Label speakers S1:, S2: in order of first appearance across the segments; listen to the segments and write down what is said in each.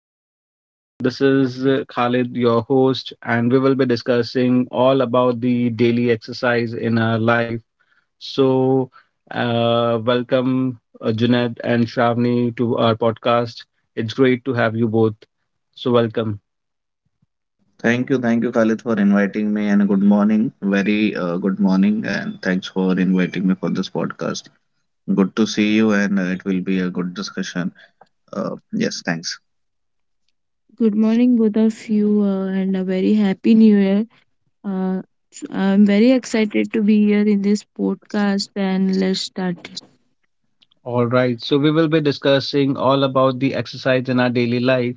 S1: And this is Khalid, your host, and we will be discussing all about the daily exercise in our life. So, welcome Junaid and Shravani to our podcast. It's great to have you both. So, welcome.
S2: Thank you, Khalid, for inviting me, and good morning. Very good morning, and thanks for inviting me for this podcast. Good to see you, and it will be a good discussion. Yes, thanks.
S3: Good morning, both of you, and a very happy new year. Uh, so I'm very excited to be here in this podcast, and let's start.
S1: All right. So we will be discussing all about the exercise in our daily life.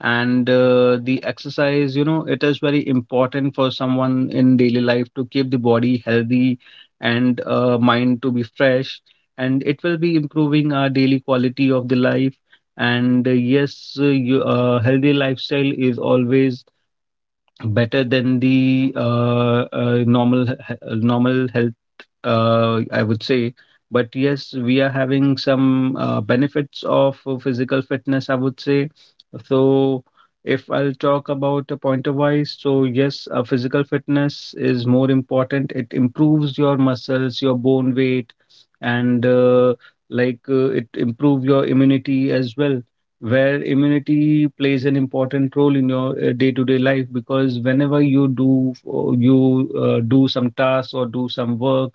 S1: And the exercise, it is very important for someone in daily life to keep the body healthy and mind to be fresh. And it will be improving our daily quality of the life. And yes, healthy lifestyle is always better than the normal health, I would say. But yes, we are having some benefits of physical fitness, I would say. So, if I'll talk about a pointer wise, so yes, physical fitness is more important. It improves your muscles, your bone weight, and like it improve your immunity as well. Where immunity plays an important role in your day-to-day life, because whenever you do some tasks or do some work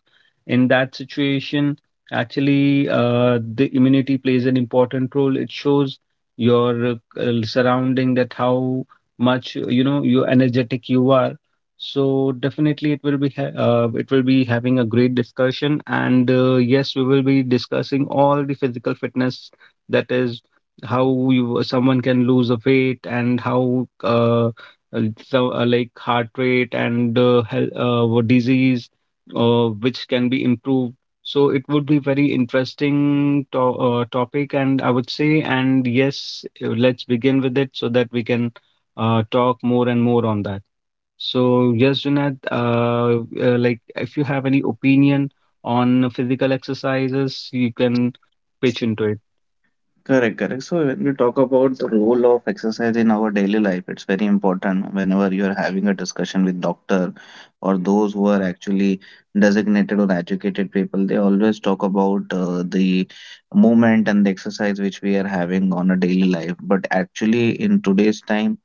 S1: in that situation, actually, the immunity plays an important role. It shows your surrounding that how much you energetic you are. So definitely, it will be having a great discussion, and yes, we will be discussing all the physical fitness, that is how you someone can lose a weight and how uh, so like heart rate and health, disease, which can be improved. So it would be very interesting to topic, and I would say, and yes, let's begin with it so that we can talk more and more on that. So yes, Junaid, like if you have any opinion on physical exercises, you can pitch into it.
S2: Correct, correct. So when we talk about the role of exercise in our daily life, it's very important whenever you are having a discussion with doctor or those who are actually designated or educated people, they always talk about the movement and the exercise which we are having on a daily life. But actually, in today's time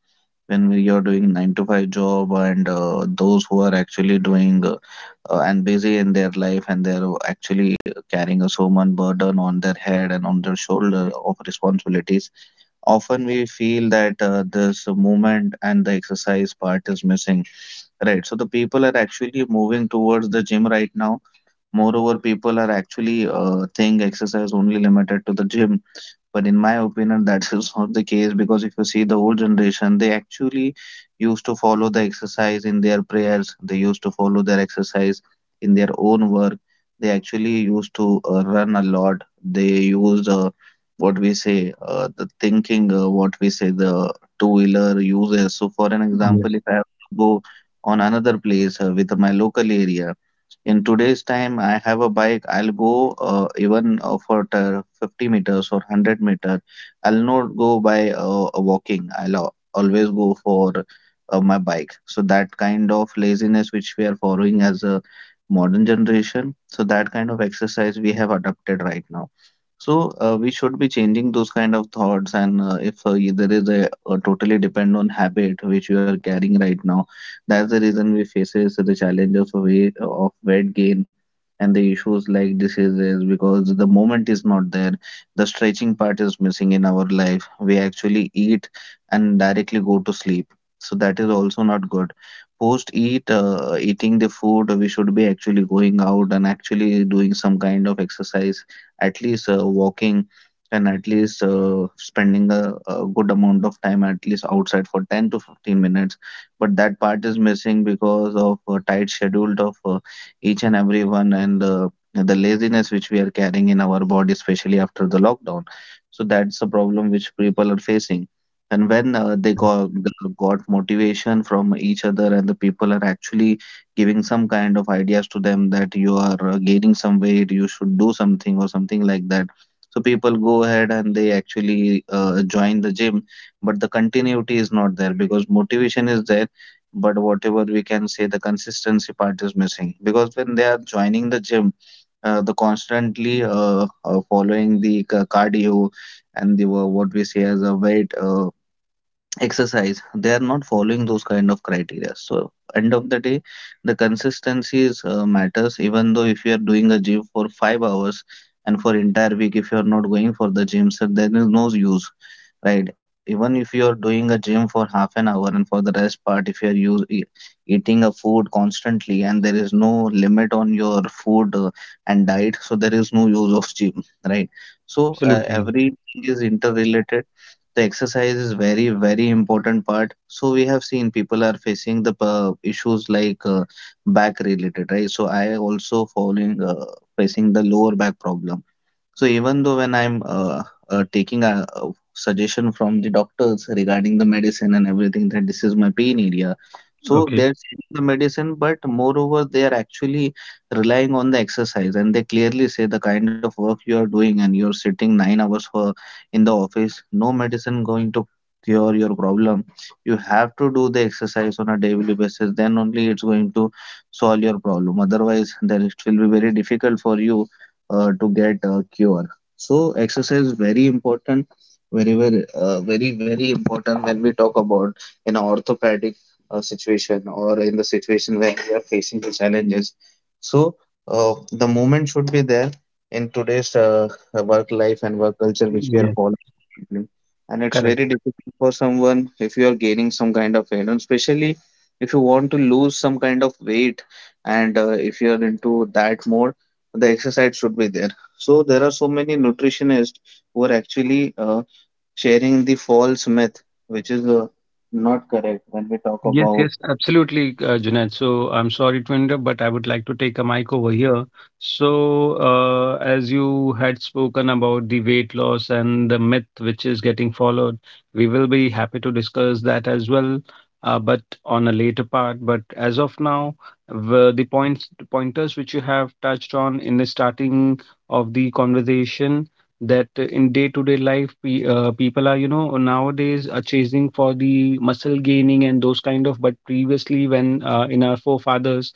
S2: when we are doing nine to five job and those who are actually doing and busy in their life and they're actually carrying a so much burden on their head and on their shoulder of responsibilities often we feel that this movement and the exercise part is missing, right? So the people are actually moving towards the gym right now. Moreover, people are actually think exercise only limited to the gym, but in my opinion that's is not the case, because if you see the old generation, they actually used to follow the exercise in their prayers, they used to follow their exercise in their own work. They actually used to run a lot. They used what we say the two wheeler uses. So for an example,
S1: Yes,
S2: if I have to go on another place with my local area, in today's time, I have a bike. I'll go even for the 50 meters or 100 meter. I'll not go by walking. I'll always go for my bike. So that kind of laziness which we are following as a modern generation. So that kind of exercise we have adopted right now. So we should be changing those kind of thoughts, and if y- there is a totally depend on habit which you are carrying right now. That's the reason we faces the challenges of weight gain and the issues like diseases, because the moment is not there. The stretching part is missing in our life. We actually eat and directly go to sleep. So that is also not good. Post eating the food, we should be actually going out and actually doing some kind of exercise, at least walking, and at least spending a good amount of time at least outside for 10 to 15 minutes, but that part is missing because of tight schedule of each and every one, and the laziness which we are carrying in our body, especially after the lockdown. So that's the problem which people are facing, and when
S1: correct.
S2: got motivation from each other and the people are actually giving some kind of ideas to them that you are gaining some weight, you should do something or something like that. So people go ahead and they actually join the gym, but the continuity is not there because motivation is there, but whatever we can say the consistency part is missing. Because when they are joining the gym, the constantly following the cardio and the what we say as a weight exercise, they are not following those kind of criteria. So end of the day, the consistency is, matters. Even though if you are doing a gym for 5 hours, and for entire week if you are not going for the gym, so there is no use, right? Even if you are doing a gym for half an hour, and for the rest part if you are eating a food constantly, and there is no limit on your food and diet, so there is no use of gym, right? So
S1: Absolutely.
S2: everything is interrelated. The exercise is very very important part. So we have seen people are facing the issues like back related, right? So I also falling facing the lower back problem. So even though when I'm taking a suggestion from the doctors regarding the medicine and everything that this is my pain area, so
S1: Okay.
S2: they're sharing the medicine, but moreover they are actually relying on the exercise, and they clearly say the kind of work you are doing and you're sitting 9 hours for in the office, no medicine going to cure your problem. You have to do the exercise on a daily basis, then only it's going to solve your problem. Otherwise, then it will be very difficult for you to get a cure. So exercise is very important, very very important when we talk about an orthopedic situation, or in the situation where we are facing the challenges. So the movement should be there in today's work life and work culture which we are
S1: Yes,
S2: following currently. And it's
S1: correct.
S2: very difficult for someone if you are gaining some kind of weight, and especially if you want to lose some kind of weight and if you are into that mode, the exercise should be there. So there are so many nutritionists who are actually sharing the false myth, which is not correct when we talk
S1: Yes,
S2: about.
S1: yes, absolutely, Junaid. So I'm sorry to interrupt, but I would like to take a mic over here. So, as you had spoken about the weight loss and the myth which is getting followed, we will be happy to discuss that as well, but on a later part. But as of now, the pointers which you have touched on in the starting of the conversation, that in day to day life, people are nowadays are chasing for the muscle gaining and those kind of. But previously, when in our forefathers,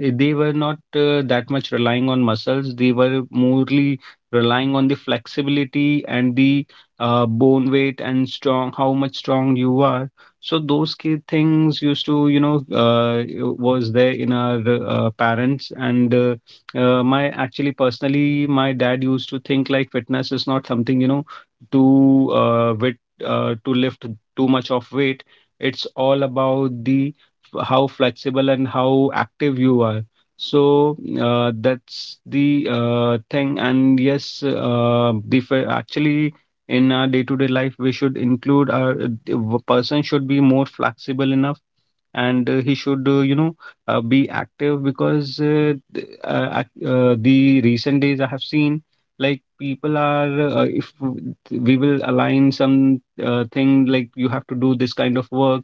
S1: they were not that much relying on muscles. They were morely relying on the flexibility and the bone weight and strong, how much strong you are. So those key things used to, was there in our parents and. My Actually, personally, my dad used to think like fitness is not something to uh, with to lift too much of weight. It's all about how flexible and how active you are. So that's the thing. And yes, actually, in our day-to-day life, we should include person should be more flexible enough. And he should be active, because the recent days I have seen like people are, if we will align some thing like you have to do this kind of work,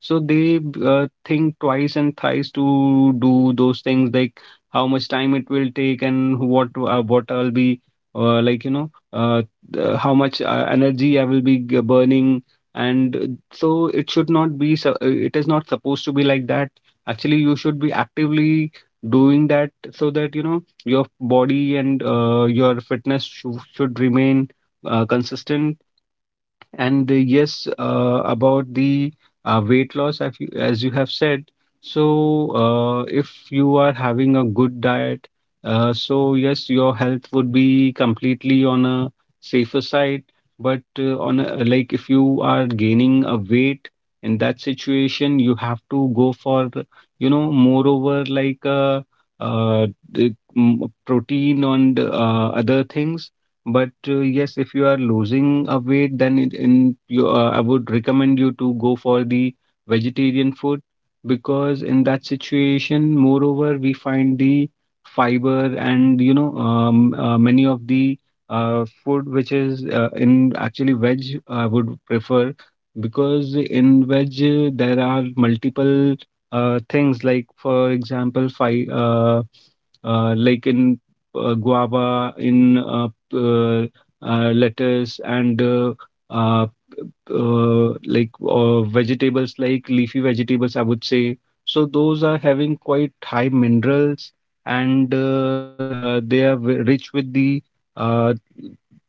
S1: so they think twice and thrice to do those things, like how much time it will take and what I'll be, uh, like you know uh, how much energy I will be burning. And so it is not supposed to be like that. Actually, you should be actively doing that so that you know your body, and your fitness should remain consistent. And yes, about the weight loss, as you have said, so if you are having a good diet, so yes, your health would be completely on a safer side. But like if you are gaining a weight, in that situation, you have to go for, moreover, like protein and other things. But yes, if you are losing a weight, then I would recommend you to go for the vegetarian food, because in that situation, moreover, we find the fiber and many of the food which is in actually veg I would prefer, because in veg, there are multiple things, like for example, like in guava, in uh, lettuce and uh, like vegetables, like leafy vegetables, I would say. So those are having quite high minerals and they are rich with the uh,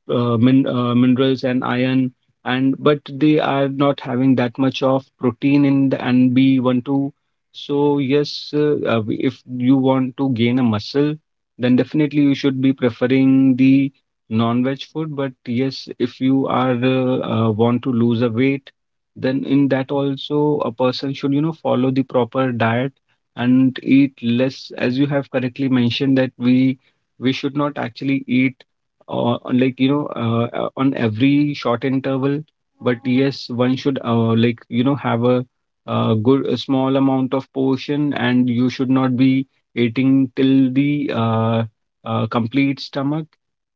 S1: minerals and iron, and but they are not having that much of protein in the and B12. So yes, if you want to gain a muscle, then definitely you should be preferring the non-veg food. But yes, if you are, want to lose a weight, then in that also a person should, follow the proper diet and eat less, as you have correctly mentioned, that we should not actually eat, like, on every short interval. But yes, one should, like, have a, good a small amount of portion, and you should not be eating till the complete stomach.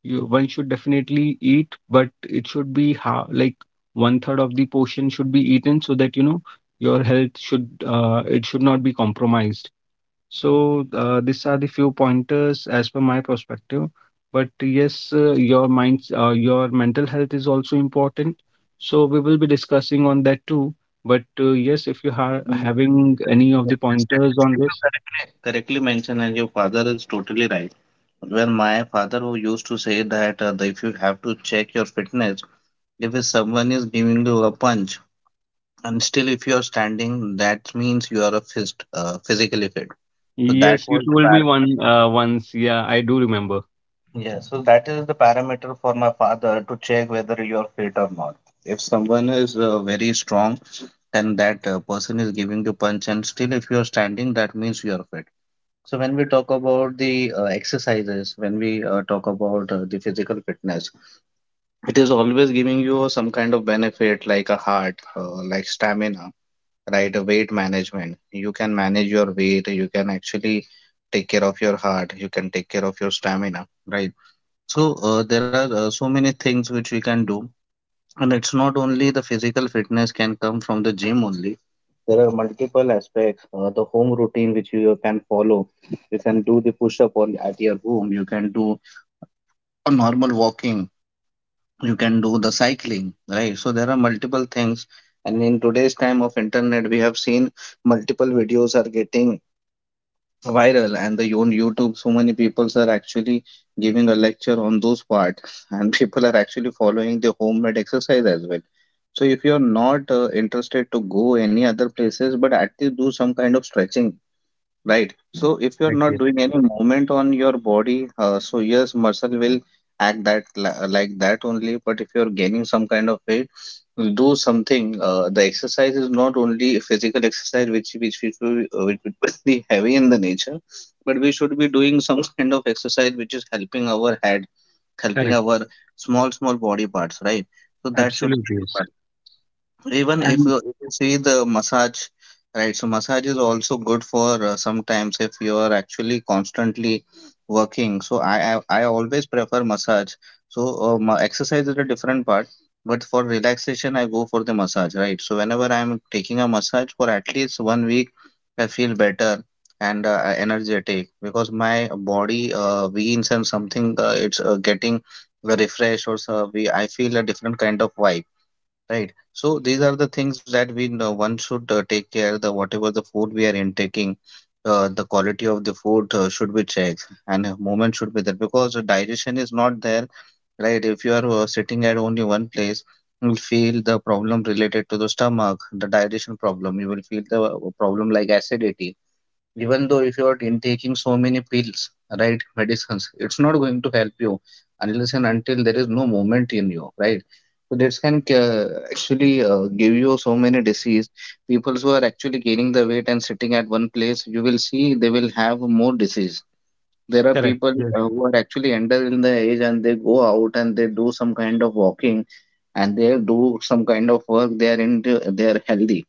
S1: One should definitely eat, but it should be, ha like, one third of the portion should be eaten, so that you know your health should, it should not be compromised. So, these are the few pointers as per my perspective. But yes, your mental health is also important. So we will be discussing on that too. But yes, if you are
S2: Yes, sir.
S1: having any of the
S2: Yes, yes. Yeah.
S1: pointers on
S2: Actually, you
S1: this.
S2: correctly mentioned, and your father is totally right. When my father who used to say that if you have to check your fitness, if someone is giving you a punch, and still if you are standing, that means you are a physically fit. So that
S1: Yes, you
S2: was the
S1: told me
S2: parameter.
S1: one once. Yeah, I do remember.
S2: Yeah, so that is the parameter for my father to check whether you are fit or not. If someone is very strong, then that person is giving you punch, and still, if you are standing, that means you are fit. So, when we talk about the exercises, when we talk about the physical fitness, it is always giving you some kind of benefit like a heart, like stamina, right? A weight management. You can manage your weight, you can actually take care of your heart, you can take care of your stamina, right? So there are so many things which we can do, and it's not only the physical fitness can come from the gym only. There are multiple aspects. The home routine which you can follow. You can do the push up on at your home. You can do a normal walking. You can do the cycling, right? So there are multiple things. And in today's time of internet, we have seen multiple videos are getting viral and the on youtube, so many people are actually giving a lecture on those parts, and people are actually following the homemade exercise as well. So if you're not interested to go any other places, but at least do some kind of stretching. Right. So if you're
S1: Correct.
S2: not
S1: Yes.
S2: doing any movement on your body, so yes, muscle will act that like that only. But if you're gaining some kind of weight, do something. The exercise is not only physical exercise, which will be heavy in the nature, but we should be doing some kind of exercise which is helping our head, helping
S1: Correct.
S2: our small small body parts, right? So that should be
S1: Absolutely,
S2: the
S1: yes.
S2: one. Even
S1: And
S2: if you see the massage, right? So massage is also good for sometimes if you are actually constantly working. So I always prefer massage. So exercise is a different part, but for relaxation I go for the massage, right? So whenever I'm taking a massage for at least one week, I feel better and energetic because my body weans and something it's getting refreshed or so we I feel a different kind of vibe. Right. So these are the things that we know one should take care the whatever the food we are intaking, the quality of the food should be checked and movement should be there because the digestion is not there, right? If you are sitting at only one place, you will feel the problem related to the stomach, the digestion problem. You will feel the problem like acidity even though if you're in taking so many pills, right? Medicines, it's not going to help you unless and until there is no movement in you, right? So this can actually give you so many disease. People who are actually gaining the weight and sitting at one place, you will see they will have more disease. There are
S1: correct.
S2: people
S1: Yes,
S2: who are actually under in the age and they go out and they do some kind of walking, and they do some kind of work, they are into, they are healthy.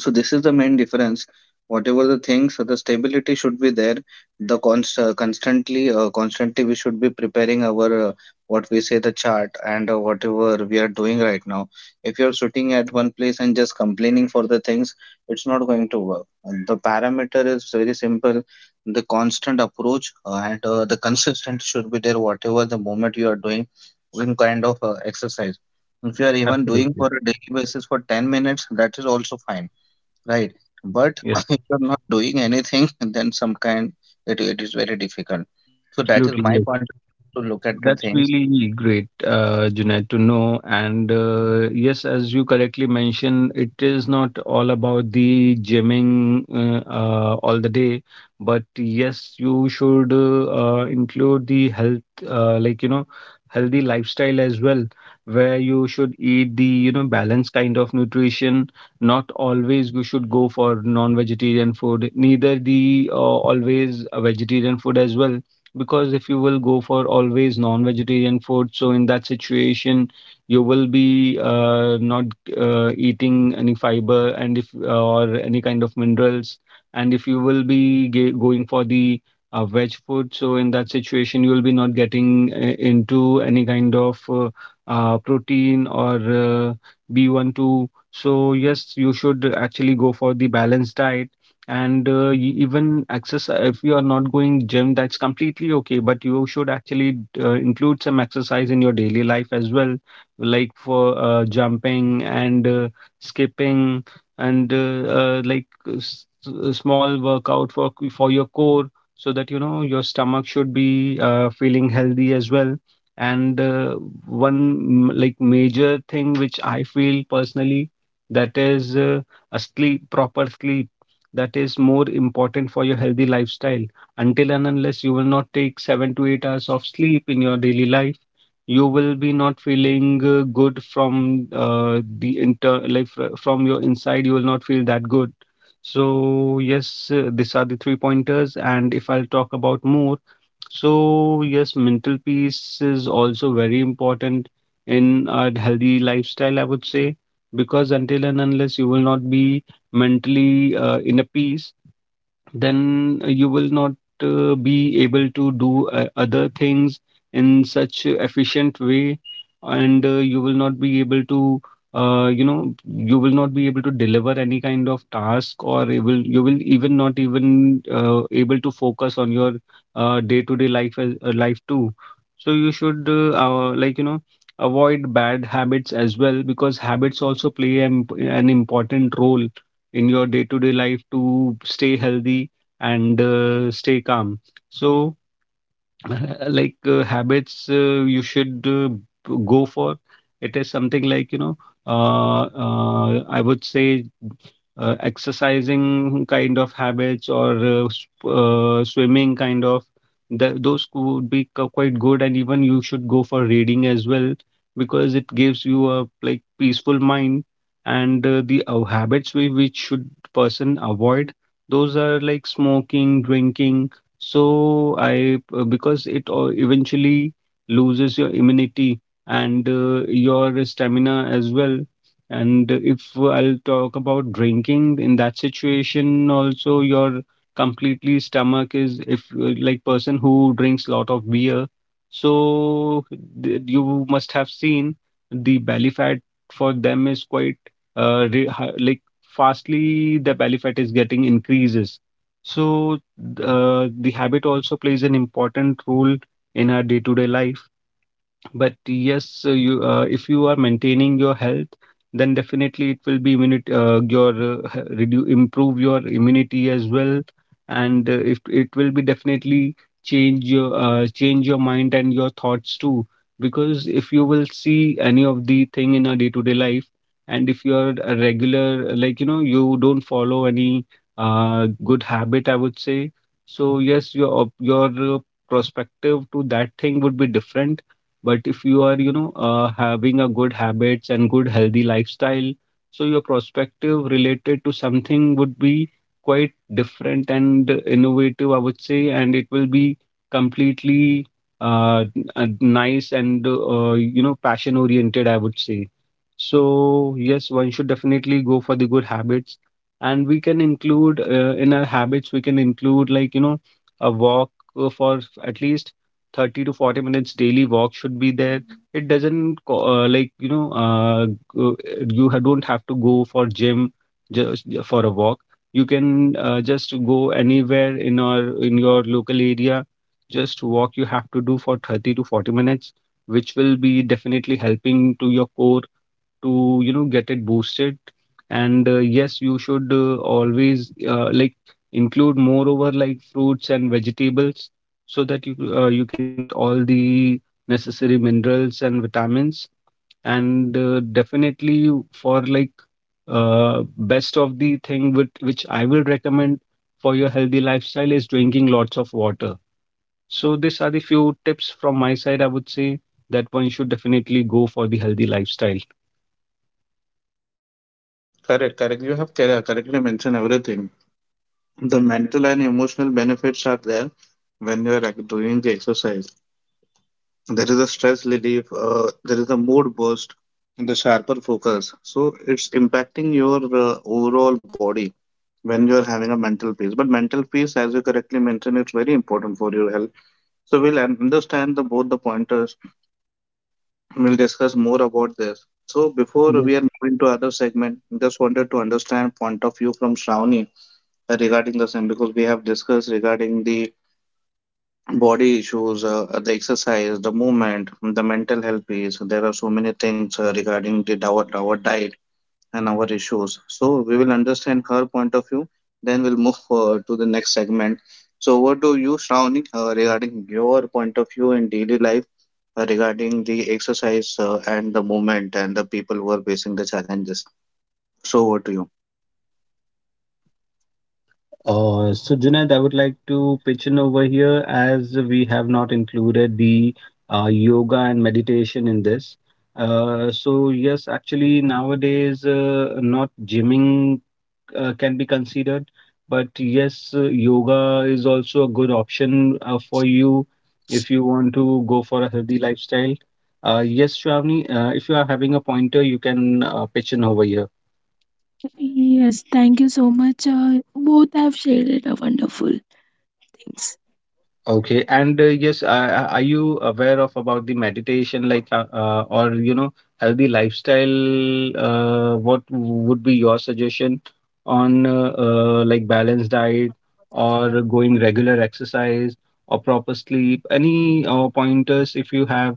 S2: So this is the main difference. Whatever the things, so the stability should be there. Constantly we should be preparing our what we say the chart and whatever we are doing right now. If you're sitting at one place and just complaining for the things, it's not going to work. And the parameter is very simple. The constant approach and the consistent should be there. Whatever the moment you are doing, some kind of exercise. If you are even doing for
S1: absolutely.
S2: a daily basis for 10 minutes, that is also fine. Right. But
S1: Yes,
S2: if you're not doing anything, then some kind, it is very difficult. So that is
S1: absolutely.
S2: my
S1: Yes.
S2: point of view to look at the
S1: That's
S2: things.
S1: really great, Junaid, to know. And yes, as you correctly mentioned, it is not all about the gymming, all the day, but yes, you should, include the health, like, healthy lifestyle as well, where you should eat the, balanced kind of nutrition. Not always you should go for non-vegetarian food, neither the always a vegetarian food as well, because if you will go for always non-vegetarian food, so in that situation, you will be not eating any fiber, and if or any kind of minerals. And if you will be going for the veg food, so in that situation, you will be not getting into any kind of protein or B12. So yes, you should actually go for the balanced diet, and even exercise. If you are not going gym, that's completely okay, but you should actually, include some exercise in your daily life as well, like for jumping and skipping, and like a small workout for for your core, so that you know your stomach should be feeling healthy as well. And one like major thing which I feel personally, that is a sleep proper sleep. That is more important for your healthy lifestyle. Until and unless you will not take 7 to 8 hours of sleep in your daily life, you will be not feeling good from the inter like fr- from your inside. You will not feel that good. So yes, these are the three pointers. And if I'll talk about more, so yes, mental peace is also very important in a healthy lifestyle. I would say, because until and unless you will not be mentally, in a peace, then you will not, be able to do other things in such a efficient way, and you will not be able to you know you will not be able to deliver any kind of task, or you will even not even able to focus on your day-to-day life, life too. So you should, like avoid bad habits as well, because habits also play an important role in your day-to-day life to stay healthy and stay calm. So, like habits you should go for It is something uh, uh, I would say exercising kind of habits or swimming kind of those could be quite good, and even you should go for reading as well because it gives you a like peaceful mind. And the habits we which should person avoid, those are like smoking, drinking. So I Because it eventually loses your immunity and your stamina as well. And if I'll talk about drinking in that situation, also your completely stomach is, if person who drinks lot of beer, so you must have seen the belly fat for them is quite like fastly the belly fat is getting increases. So the habit also plays an important role in our day-to-day life, but yes, you if you are maintaining your health, then definitely it will be immunity, improve your immunity as well. And if it will be, definitely change your mind and your thoughts too, because if you will see any of the thing in a day to day life, and if you are a regular, like you know, you don't follow any good habit, I would say. So yes, your perspective to that thing would be different. But if you are, you know, having a good habits and good healthy lifestyle, so your perspective related to something would be quite different and innovative, I would say. And it will be completely nice and, you know, passion oriented, I would say. So yes, one should definitely go for the good habits, and we can include in our habits we can include, like you know, a walk for at least 30 to 40 minutes daily walk should be there. It doesn't go- you don't have to go for gym, just for a walk. You can just go anywhere in our in your local area. Just walk you have to do for 30 to 40 minutes, which will be definitely helping to your core to, you know, get it boosted. And yes, you should always like include moreover like fruits and vegetables, so that you you can get all the necessary minerals and vitamins. And definitely for like best of the thing with which I will recommend for your healthy lifestyle is drinking lots of water. So these are the few tips from my side. I would say that one should definitely go for the healthy lifestyle.
S2: Correct, correct. You have correctly mentioned everything. The mental and emotional benefits are there when you are doing the exercise. There is a stress relief, there is a mood boost, and the sharper focus. So it's impacting your overall body when you are having a mental peace. But mental peace, as you correctly mentioned, it's very important for your health. So we'll understand the, both the pointers. We'll discuss more about this. So before we are moving to other segment, just wanted to understand point of view from Shravani regarding the same, because we have discussed regarding the body issues, the exercise, the movement, the mental health piece. There are so many things regarding the our diet and our issues. So we will understand her point of view. Then we'll move forward to the next segment. So what do you, Shravani, regarding your point of view in daily life regarding the exercise and the movement and the people who are facing the challenges? So over to you.
S1: So Junaid, I would like to pitch in over here, as we have not included the yoga and meditation in this. So yes, actually nowadays not gymming can be considered, but yes, yoga is also a good option for you if you want to go for a healthy lifestyle. Yes, Shravani, if you are having a pointer, you can pitch in over here.
S3: Yes, thank you so much. Both have shared a wonderful things.
S1: Okay, and are you aware of about the meditation, like, or you know, healthy lifestyle? What would be your suggestion on like balanced diet, or going regular exercise, or proper sleep? Any pointers if you have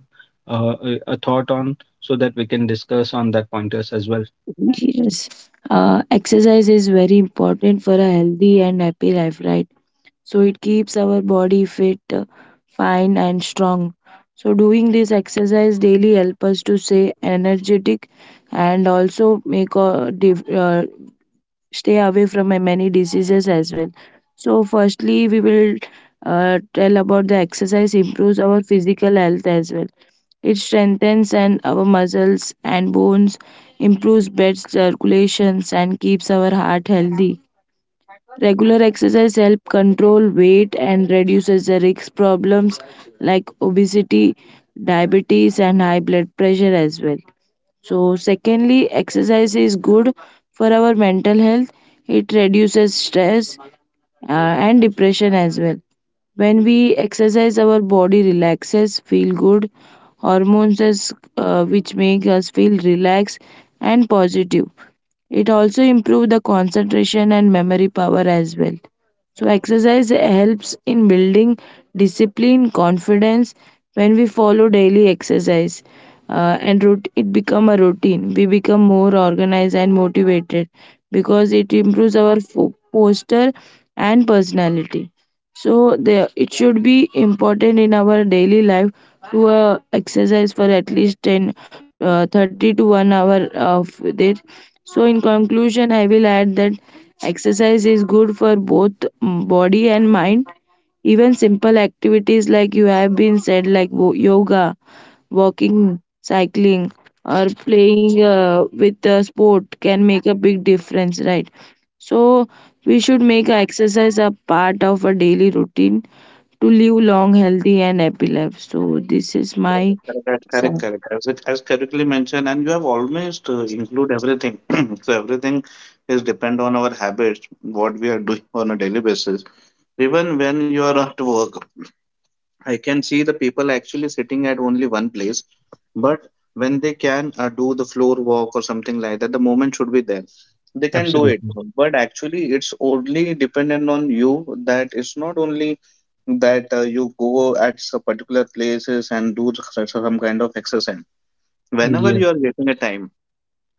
S1: a thought on, so that we can discuss on that pointers as well.
S3: Yes, Exercise is very important for a healthy and happy life, right? So it keeps our body fit, fine and strong. So doing this exercise daily help us to stay energetic and also make a stay away from many diseases as well. So firstly we will, tell about the exercise improves our physical health as well. It strengthens and our muscles and bones, improves blood circulations and keeps our heart healthy. Regular exercise helps control weight and reduces the risk problems like obesity, diabetes and high blood pressure as well. So secondly, exercise is good for our mental health. It reduces stress and depression as well. When we exercise, our body relaxes, feel good, hormones is, which make us feel relaxed and positive. It also improves the concentration and memory power as well. So exercise helps in building discipline, confidence. When we follow daily exercise it become a routine, we become more organized and motivated, because it improves our posture and personality. So the, it should be important in our daily life to exercise for at least 10, 30 to 1 hour of day. So, in conclusion, I will add that exercise is good for both, body and mind. Even simple activities like you have been said, like yoga, walking, cycling, or playing with a sport, can make a big difference, right? So, we should make exercise a part of a daily routine to live long, healthy, and happy life. So, this is my.
S2: Correct, correct, correct, correct. As it as correctly mentioned, and you have almost include everything. So everything is depend on our habits, what we are doing on a daily basis. Even when you are at work, I can see the people actually sitting at only one place, but when they can do the floor walk or something like that, the moment should be there. They can do it,
S1: Absolutely.
S2: but actually, it's only dependent on you. That it's not only that you go at some particular places and do some kind of exercise. Whenever you are getting a time,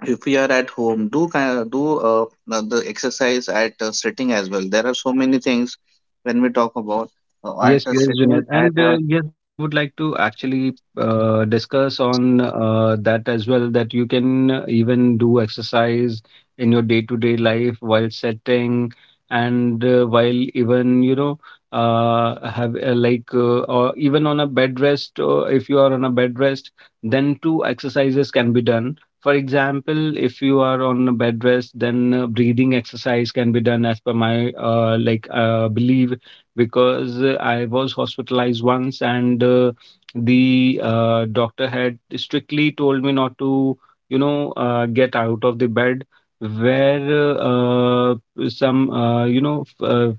S2: if you are at home, do the exercise at sitting as well. There are so many things when we talk about at
S1: Yes,
S2: a
S1: yes,
S2: sitting
S1: Junaid.
S2: at
S1: And
S2: our.
S1: yes, I would like to actually discuss on that as well, that you can even do exercise in your day-to-day life while setting, and while even, you know, or even on a bed rest. Or if you are on a bed rest, then two exercises can be done. For example, if you are on a bed rest, then breathing exercise can be done as per my belief, because I was hospitalized once, and the doctor had strictly told me not to, you know, get out of the bed, where uh, uh, you know,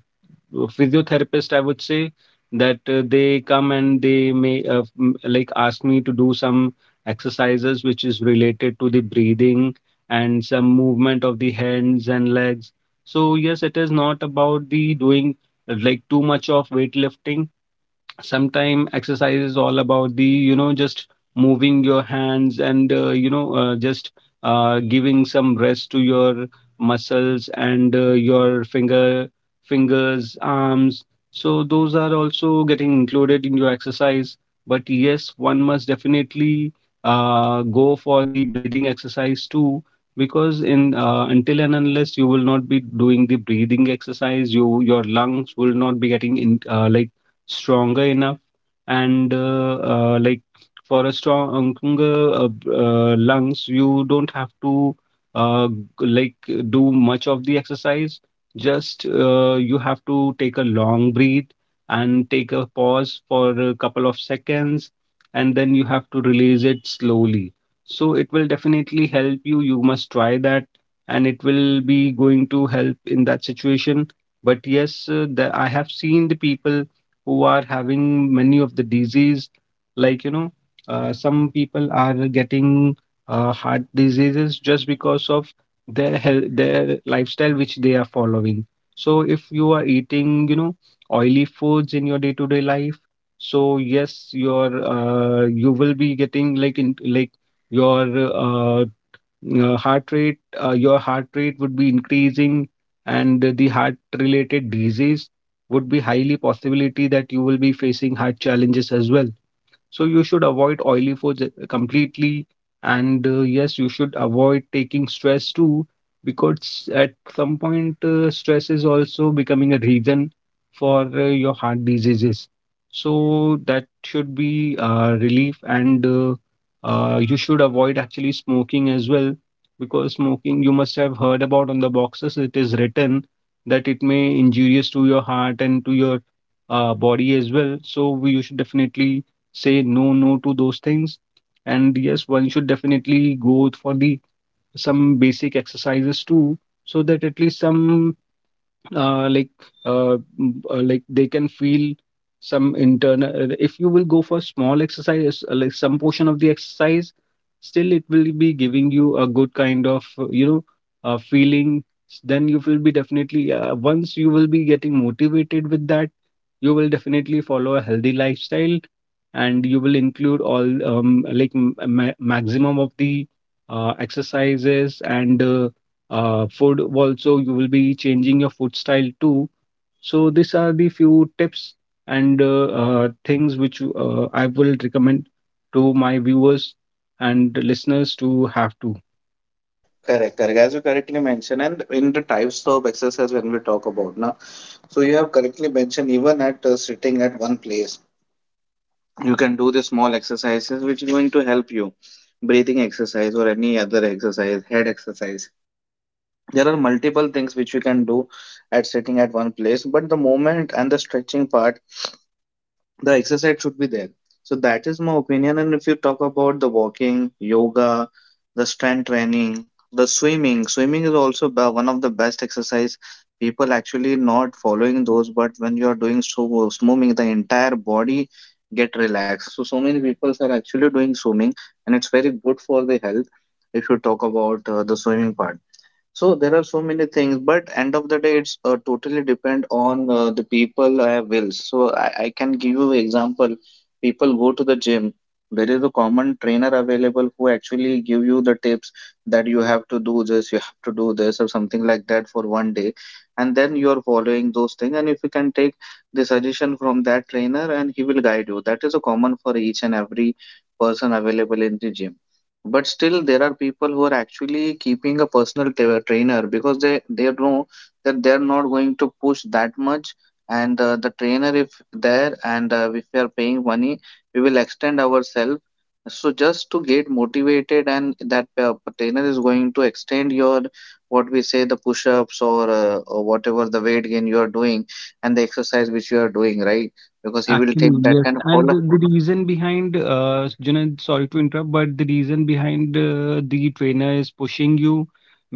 S1: physiotherapist, I would say, that they come and they may like ask me to do some exercises which is related to the breathing and some movement of the hands and legs. So yes, it is not about the doing like too much of weightlifting. Sometimes exercise is all about the, you know, just moving your hands, and, just giving some rest to your muscles and your finger, fingers, arms. So those are also getting included in your exercise. But yes, one must definitely go for the breathing exercise too, because in until and unless you will not be doing the breathing exercise, you your lungs will not be getting in like stronger enough. And like for a stronger lungs, you don't have to uh, like do much of the exercise. Just you have to take a long breath and take a pause for a couple of seconds, and then you have to release it slowly. So it will definitely help you. You must try that, and it will be going to help in that situation. But yes, I have seen the people who are having many of the disease, like you know, some people are getting heart diseases just because of their health, their lifestyle which they are following. So if you are eating, you know, oily foods in your day to day life, so yes, your you will be getting, like in like, your uh, heart rate your heart rate would be increasing, and the heart related disease would be highly possibility that you will be facing heart challenges as well. So you should avoid oily foods completely. And yes, you should avoid taking stress too, because at some point, stress is also becoming a reason for your heart diseases. So that should be relief. And, you should avoid actually smoking as well, because smoking you must have heard about on the boxes. It is written that it may injurious to your heart and to your body as well. So we, you should definitely say no, no to those things. And yes, one should definitely go for the some basic exercises too, so that at least some uh, like like they can feel some internal. If you will go for small exercise, like some portion of the exercise, still it will be giving you a good kind of, feeling. Then you will be definitely once you will be getting motivated with that, you will definitely follow a healthy lifestyle, and you will include all, maximum of the exercises. And food also, you will be changing your food style too. So these are the few tips and things which I will recommend to my viewers and listeners to have to.
S2: Correct, correct. As you correctly mentioned, and in the types of exercise when we talk about now, so you have correctly mentioned even at sitting at one place, you can do the small exercises which is going to help you, breathing exercise or any other exercise, head exercise. There are multiple things which you can do at sitting at one place, but the moment and the stretching part, the exercise should be there. So that is my opinion. And if you talk about the walking, yoga, the strength training, the swimming, swimming is also one of the best exercise. People actually not following those, but when you are doing so swimming, the entire body get relaxed. So so many people are actually doing swimming, and it's very good for the health. If you talk about the swimming part. So there are so many things, but end of the day, it's totally depend on the people I wills. So I can give you example. People go to the gym. There is a common trainer available who actually give you the tips, that you have to do this, you have to do this, or something like that for one day, and then you are following those things. And if you can take the suggestion from that trainer, and he will guide you. That is a common for each and every person available in the gym. But still there are people who are actually keeping a personal trainer because they know that they're not going to push that much, and the trainer if there, and if we are paying money, we will extend ourselves. So just to get motivated, and that trainer is going to extend your what we say the push-ups, or or whatever the weight gain you are doing and the exercise which you are doing, right? Because he will
S1: Actually,
S2: take that
S1: yes.
S2: kind of
S1: And the
S2: follow.
S1: the reason behind, Junaid, sorry to interrupt, but the reason behind the trainer is pushing you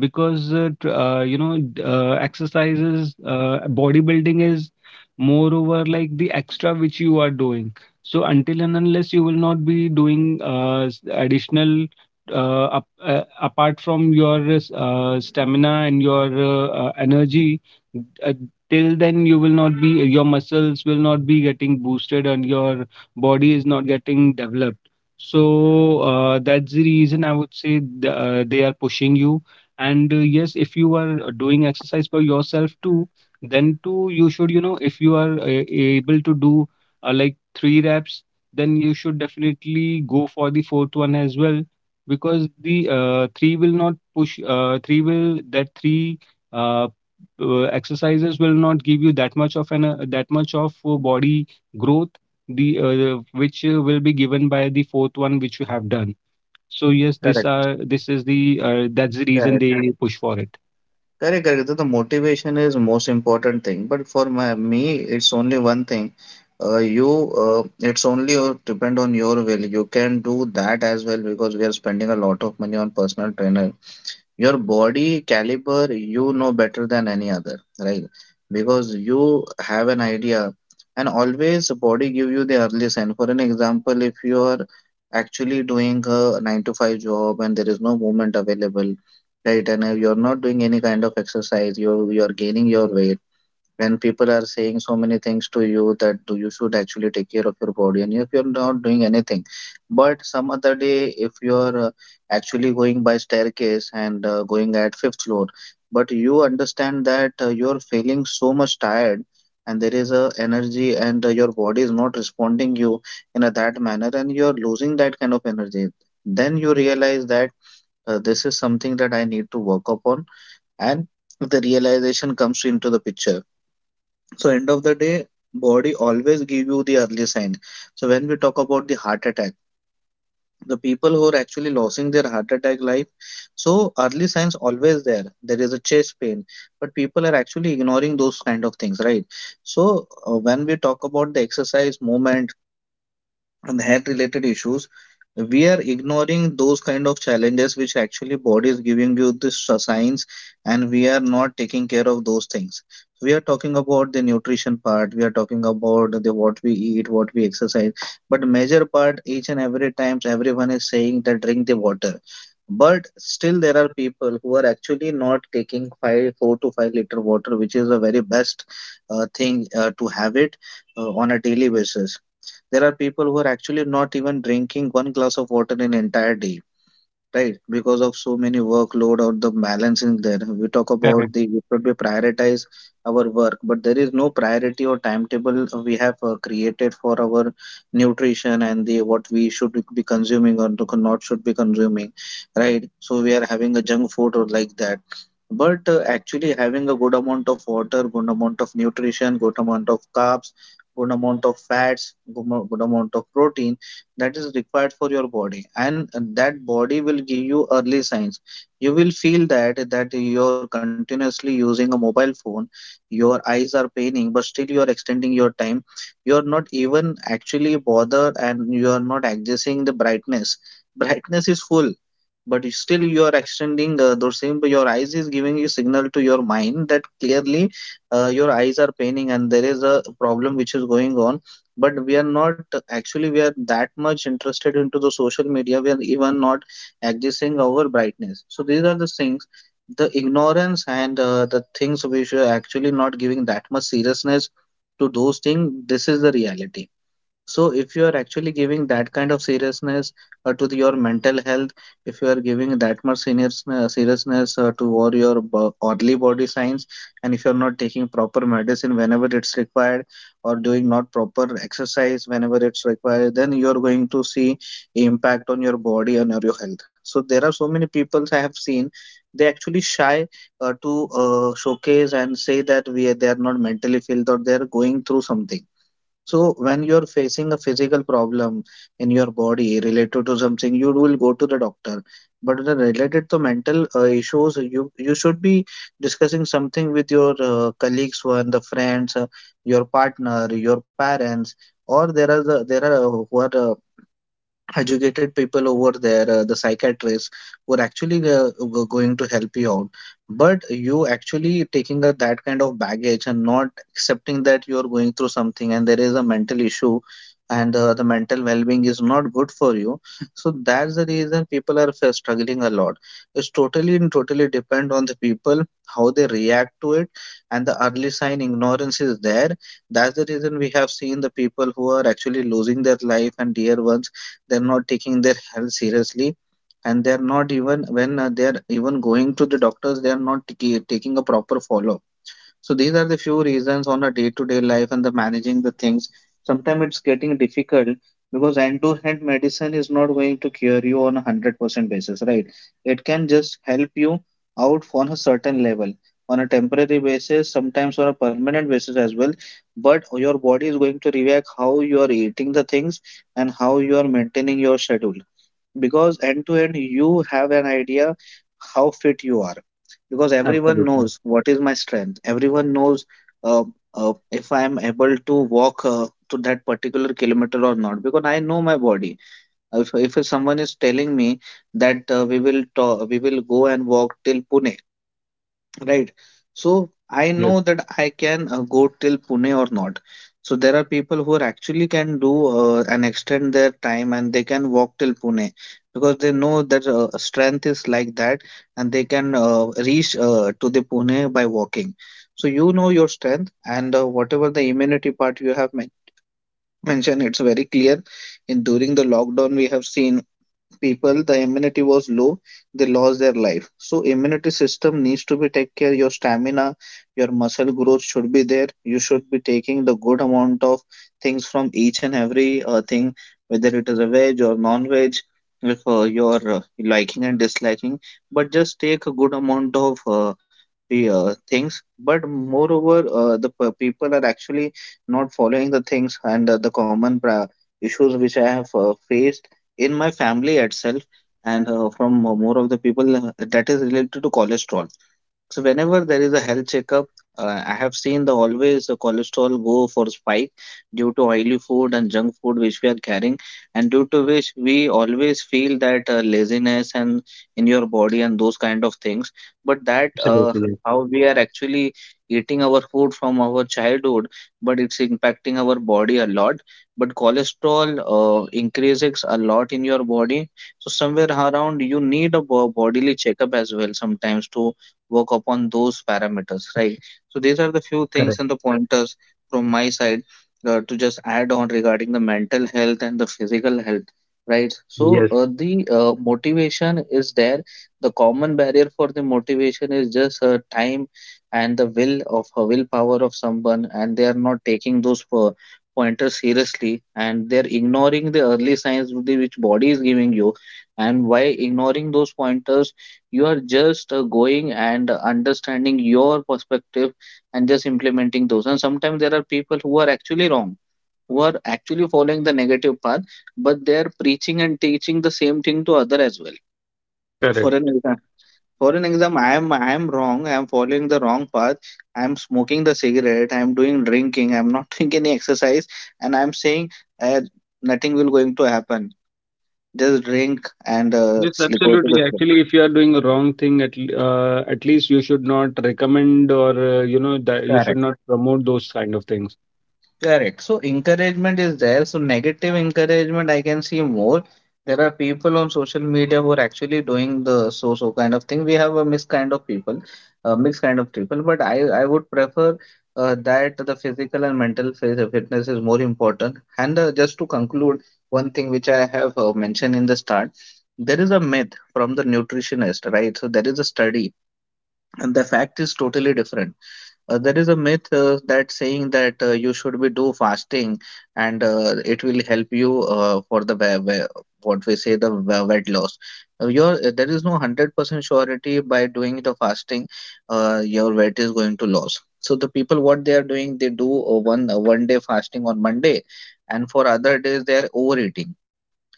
S1: because, you know, exercises, bodybuilding is moreover like the extra which you are doing. So until and unless you will not be doing additional, apart from your stamina and your energy, uh, till then you will not be, your muscles will not be getting boosted and your body is not getting developed. So that's the reason I would say they are pushing you. And yes, if you are doing exercise for yourself too, then too you should, you know, if you are able to do like three reps, then you should definitely go for the fourth one as well, because the three will not push three will that three uh, exercises will not give you that much of an that much of body growth, the which will be given by the fourth one which you have done. So yes,
S2: Correct.
S1: this is the, that's the reason
S2: Correct.
S1: they push for it.
S2: Correct, correct. The motivation is most important thing. But for my me, it's only one thing. You, uh, it's only depend on your will. You can do that as well, because we are spending a lot of money on personal trainer. Your body caliber you know better than any other, right? Because you have an idea, and always body give you the early sign. For an example, if you are actually doing a 9 to 5 job and there is no movement available, right? And you're not doing any kind of exercise, you are gaining your weight. When people are saying so many things to you, that do you should actually take care of your body, and if you're not doing anything, but some other day, if you're actually going by staircase and going at fifth floor, but you understand that you're feeling so much tired and there is a energy and your body is not responding you in a that manner, and you're losing that kind of energy, then you realize that this is something that I need to work upon. And the realization comes into the picture. So end of the day, body always give you the early sign. So when we talk about the heart attack, the people who are actually losing their heart attack life, so early signs always there. There is a chest pain, but people are actually ignoring those kind of things, right? So when we talk about the exercise, movement, and health related issues, we are ignoring those kind of challenges which actually body is giving you the signs, and we are not taking care of those things. So we are talking about the nutrition part, we are talking about the what we eat, what we exercise, but major part each and every times everyone is saying that drink the water, but still there are people who are actually not taking five, four to 5 liter water, which is the very best thing to have it on a daily basis. There are people who are actually not even drinking one glass of water in entire day, right? Because of so many workload or the balancing there, we talk about
S1: Correct.
S2: the, we probably prioritize our work, but there is no priority or timetable we have created for our nutrition and the what we should be consuming or not should be consuming, right? So we are having a junk food or like that, but actually having a good amount of water, good amount of nutrition, good amount of carbs, good amount of fats, good amount of protein, that is required for your body. And that body will give you early signs. You will feel that, that you're continuously using a mobile phone, your eyes are paining, but still you are extending your time, you are not even actually bothered, and you are not adjusting the brightness. Brightness is full, but still you are extending those same, your eyes is giving you signal to your mind that clearly your eyes are paining and there is a problem which is going on. But we are not actually, we are that much interested into the social media, we are even not adjusting our brightness. So these are the things, the ignorance and the things which are actually not giving that much seriousness to those things. This is the reality. So, if you are actually giving that kind of seriousness to the- your mental health, if you are giving that much serious, seriousness to all your early body signs, and if you are not taking proper medicine whenever it's required, or doing not proper exercise whenever it's required, then you are going to see impact on your body and on your health. So, there are so many people I have seen, they actually shy to showcase and say that we they are not mentally filled or they are going through something. So when you're facing a physical problem in your body related to something, you will go to the doctor. But the related to mental issues, you should be discussing something with your colleagues, one the friends, your partner, your parents, or there are who are educated people over there, the psychiatrists who are actually were going to help you out. But you actually taking that kind of baggage and not accepting that you are going through something and there is a mental issue and the mental well-being is not good for you. So that's the reason people are struggling a lot. It's totally and totally depend on the people, how they react to it, and the early sign ignorance is there. That's the reason we have seen the people who are actually losing their life and dear ones, they're not taking their health seriously, and they're not even when they're even going to the doctors, they're not taking a proper follow. So these are the few reasons on a day-to-day life and the managing the things. Sometimes it's getting difficult because hand-to-hand medicine is not going to cure you on 100% basis, right? It can just help you out on a certain level, on a temporary basis, sometimes on a permanent basis as well. But your body is going to react how you are eating the things and how you are maintaining your schedule, because end to end you have an idea how fit you are, because everyone
S1: Absolutely.
S2: knows what is my strength, everyone knows, uh, if I am able to walk to that particular kilometer or not, because I know my body. If someone is telling me that we will go and walk till Pune. Right. So I
S1: Yes.
S2: know that I can go till Pune or not. So there are people who are actually can do and extend their time, and they can walk till Pune because they know that strength is like that, and they can reach to the Pune by walking. So you know your strength and whatever the immunity part you have mentioned, it's very clear. In during the lockdown, we have seen people the immunity was low, they lost their life. So immunity system needs to be take care, your stamina, your muscle growth should be there, you should be taking the good amount of things from each and every thing, whether it is a veg or non-veg, if your liking and disliking, but just take a good amount of the things. But moreover, the people are actually not following the things, and the common issues which I have faced in my family itself and from more of the people, that is related to cholesterol. So whenever there is a health checkup, I have seen the always the cholesterol go for spike due to oily food and junk food which we are carrying, and due to which we always feel that laziness and in your body and those kind of things. But that
S1: Absolutely. Yes.
S2: how we are actually eating our food from our childhood, but it's impacting our body a lot. But cholesterol increases a lot in your body, so somewhere around you need a bodily checkup as well, sometimes to work upon those parameters, right? So these are the few things
S1: Correct.
S2: and the pointers from my side to just add on regarding the mental health and the physical health, right? So
S1: Yes.
S2: the motivation is there. The common barrier for the motivation is just time and the will of willpower of someone, and they are not taking those pointers seriously, and they're ignoring the early signs with which body is giving you. And by ignoring those pointers, you are just going and understanding your perspective and just implementing those. And sometimes there are people who are actually wrong, who are actually following the negative path, but they are preaching and teaching the same thing to other as well. for an
S1: Correct.
S2: exam for an exam, I am wrong, I am following the wrong path, I am smoking the cigarette, I am doing drinking, I am not doing any exercise, and I am saying, uh, nothing will going to happen, just drink and
S1: Yes,
S2: sleep, go to
S1: absolutely.
S2: the
S1: Actually, if you are doing a wrong thing, at at least you should not recommend or, you know, that you should
S2: sleep.
S1: not promote those kind of things.
S2: Correct. So encouragement is there. So negative encouragement, I can see more. There are people on social media who are actually doing the so so kind of thing. We have a mixed kind of people, a mixed kind of people. But I would prefer that the physical and mental phase of fitness is more important. And just to conclude, one thing which I have mentioned in the start, there is a myth from the nutritionist, right? So there is a study, and the fact is totally different. There is a myth that saying that you should be do fasting, and it will help you for the what we say the weight loss. Your There is no 100% surety by doing the fasting, your weight is going to lose. So the people what they are doing, they do one day fasting on Monday, and for other days they are overeating,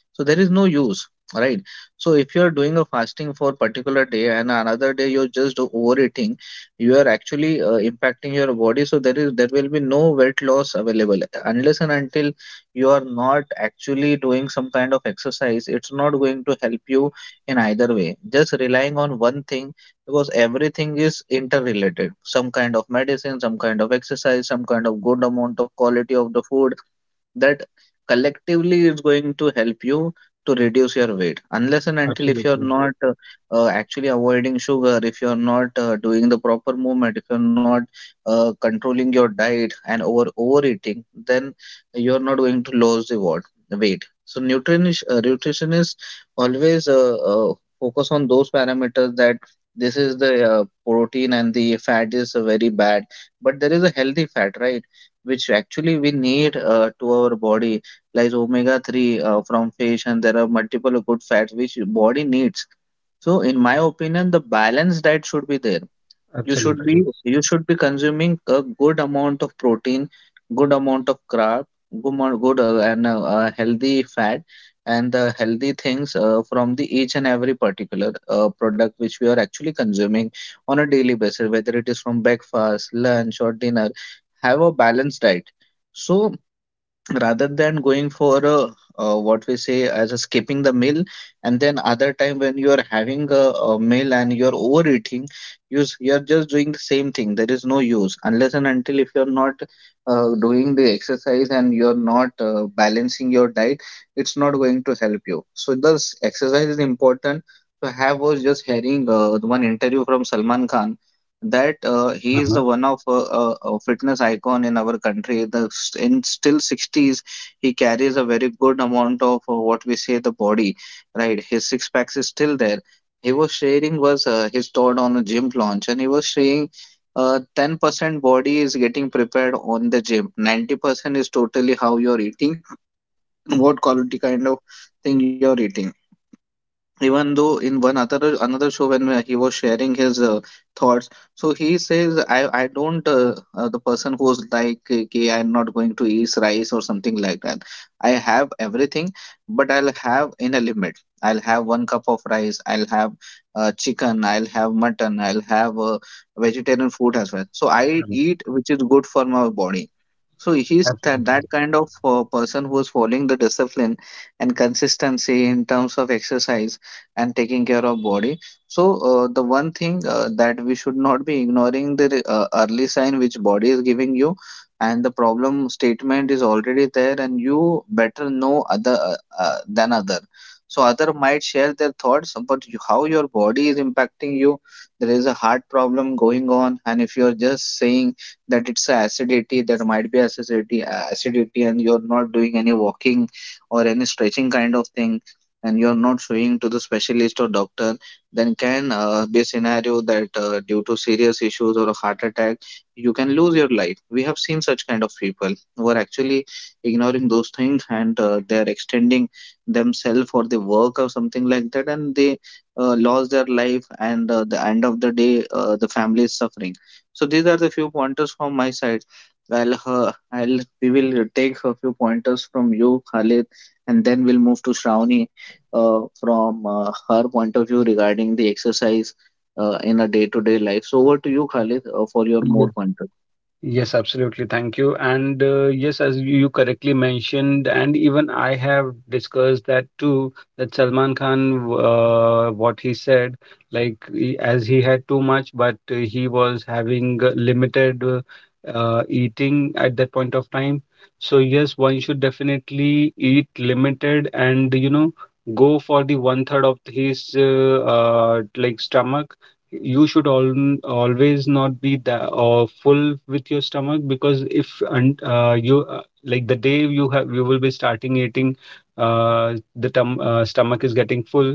S2: so there is no use, right? So if you are doing a fasting for a particular day and another day you're just overeating, you are actually impacting your body. So there will be no weight loss available unless and until you are not actually doing some kind of exercise. It's not going to help you in either way just relying on one thing, because everything is interrelated, some kind of medicine, some kind of exercise, some kind of good amount of quality of the food, that collectively is going to help you to reduce your weight. Unless and until, if you're
S1: Absolutely.
S2: not actually avoiding sugar, if you're not doing the proper movement, if you're not controlling your diet and over overeating, then you're not going to lose the what weight. So nutrition nutritionists always focus on those parameters that this is the protein, and the fat is very bad, but there is a healthy fat, right, which actually we need to our body, like omega 3 from fish, and there are multiple good fats which body needs. So in my opinion, the balanced diet should be there, you should
S1: Absolutely.
S2: be,
S1: Yes.
S2: you should be consuming a good amount of protein, good amount of carb, good and healthy fat and the healthy things from the each and every particular product which we are actually consuming on a daily basis, whether it is from breakfast, lunch, or dinner. Have a balanced diet. So rather than going for what we say as a skipping the meal, and then other time when you are having a meal and you're overeating, you're just doing the same thing, there is no use unless and until if you're not doing the exercise and you're not balancing your diet, it's not going to help you. So thus exercise is important. So I have was just hearing one interview from Salman Khan, that he is
S1: Uh-huh.
S2: the one of a fitness icon in our country. In still 60s, he carries a very good amount of what we say the body, right? His six packs is still there. He was sharing was his thought on a gym launch, and he was saying, 10% body is getting prepared on the gym. 90% is totally how you're eating, what quality kind of thing you're eating even though in one other another show when he was sharing his thoughts. So he says I don't the person who's like, okay, I'm not going to eat rice or something like that. I have everything, but I'll have in a limit. I'll have one cup of rice, I'll have chicken, I'll have mutton, I'll have vegetarian food as well. So I
S1: Correct.
S2: eat which is good for my body. So he's that,
S1: Absolutely.
S2: that kind of person who's following the discipline and consistency in terms of exercise and taking care of body. So the one thing that we should not be ignoring, the early sign which body is giving you, and the problem statement is already there, and you better know other than other. So other might share their thoughts about you, how your body is impacting you. There is a heart problem going on, and if you're just saying that it's a acidity, there might be acidity, and you're not doing any walking or any stretching kind of thing, and you're not showing to the specialist or doctor, then can be a scenario that due to serious issues or a heart attack, you can lose your life. We have seen such kind of people who are actually ignoring those things, and they're extending themselves for the work or something like that, and they lost their life. And the end of the day, the family is suffering. So these are the few pointers from my side. We will take a few pointers from you, Khalid, and then we'll move to Shravani from her point of view regarding the exercise in a day-to-day life. So over to you, Khalid, for your more
S1: Yes,
S2: pointers.
S1: yes, absolutely. Thank you. And yes, as you correctly mentioned, and even I have discussed that too, that Salman Khan, what he said, like as he had too much, but he was having limited eating at that point of time. So yes, one should definitely eat limited and, go for the one third of his like stomach. You should al always not be that full with your stomach, because if and you like the day you will be starting eating, the tum stomach is getting full.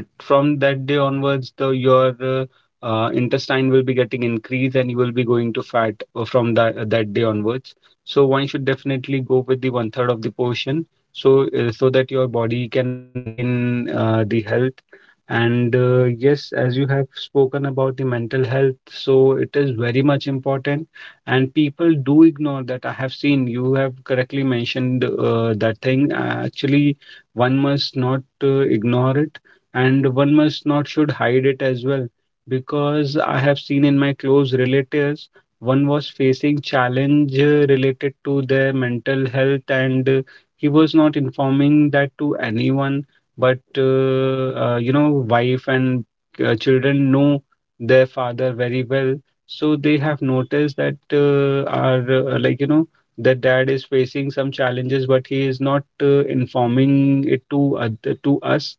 S1: From that day onwards, the your intestine will be getting increased, and you will be going to fat from that day onwards. So one should definitely go with the one third of the portion, so that your body can maintain the health. And yes, as you have spoken about the mental health, so it is very much important. And people do ignore that. I have seen you have correctly mentioned that thing. Actually, one must not ignore it, and one must not should hide it as well, because I have seen in my close relatives, one was facing challenge related to their mental health, and he was not informing that to anyone. But wife and children know their father very well, so they have noticed that our like you know their dad is facing some challenges, but he is not informing it to us.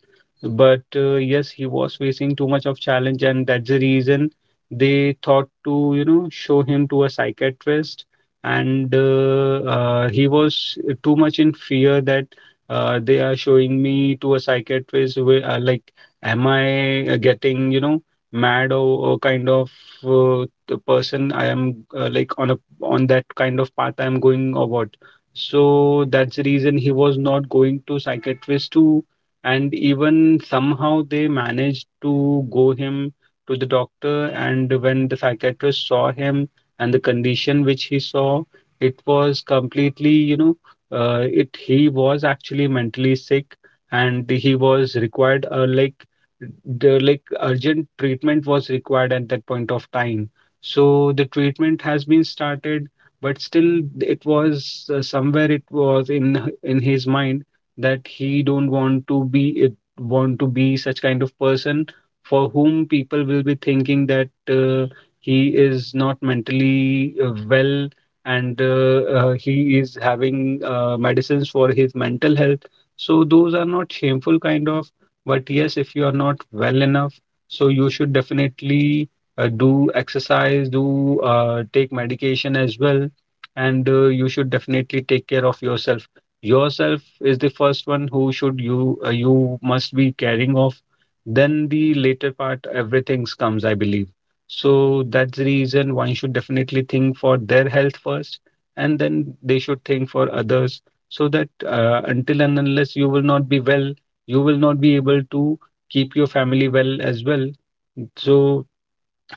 S1: But yes, he was facing too much of challenge, and that's the reason they thought to show him to a psychiatrist. And he was too much in fear that they are showing me to a psychiatrist, where like am I getting mad, or kind of the person I am like on that kind of path I am going, or what. So that's the reason he was not going to psychiatrist too. And even somehow they managed to go him to the doctor, and when the psychiatrist saw him and the condition which he saw, it was completely, you know it he was actually mentally sick. And he was required like the like urgent treatment was required at that point of time. So the treatment has been started, but still it was, somewhere it was in his mind that he don't want to be such kind of person for whom people will be thinking that he is not mentally well, and he is having medicines for his mental health. So those are not shameful kind of, but yes, if you are not well enough, so you should definitely do exercise, do take medication as well, and you should definitely take care of yourself. Yourself is the first one who should you you must be caring of. Then the later part, everything's comes, I believe. So that's the reason one should definitely think for their health first, and then they should think for others, so that until and unless you will not be well, you will not be able to keep your family well as well. So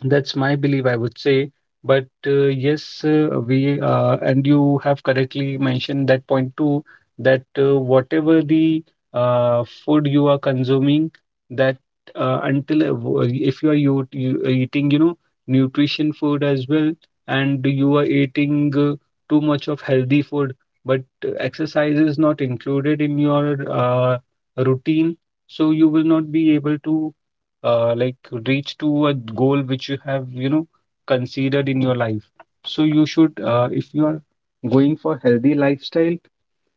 S1: that's my belief, I would say. But yes, we and you have correctly mentioned that point too, that whatever the food you are consuming, that until if you are, you eating, nutrition food as well, and you are eating too much of healthy food, but exercise is not included in your routine, so you will not be able to like reach to a goal which you have considered in your life. So you should if you are going for healthy lifestyle,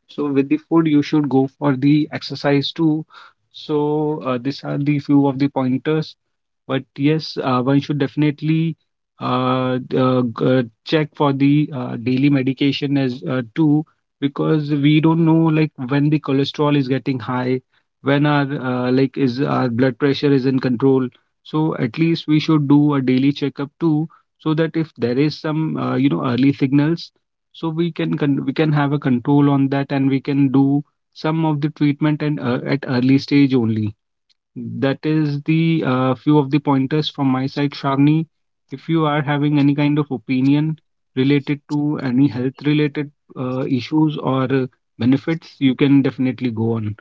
S1: so with the food, you should go for the exercise too. So these are the few of the pointers. But yes, one should definitely check for the daily medication as too, because we don't know like when the cholesterol is getting high, when our like is our blood pressure is in control. So at least we should do a daily checkup too, so that if there is some early signals, so we can have a control on that, and we can do some of the treatment, and at early stage only. That is the few of the pointers from my side, Sharni. If you are having any kind of opinion related to any health related issues or benefits, you can definitely go on.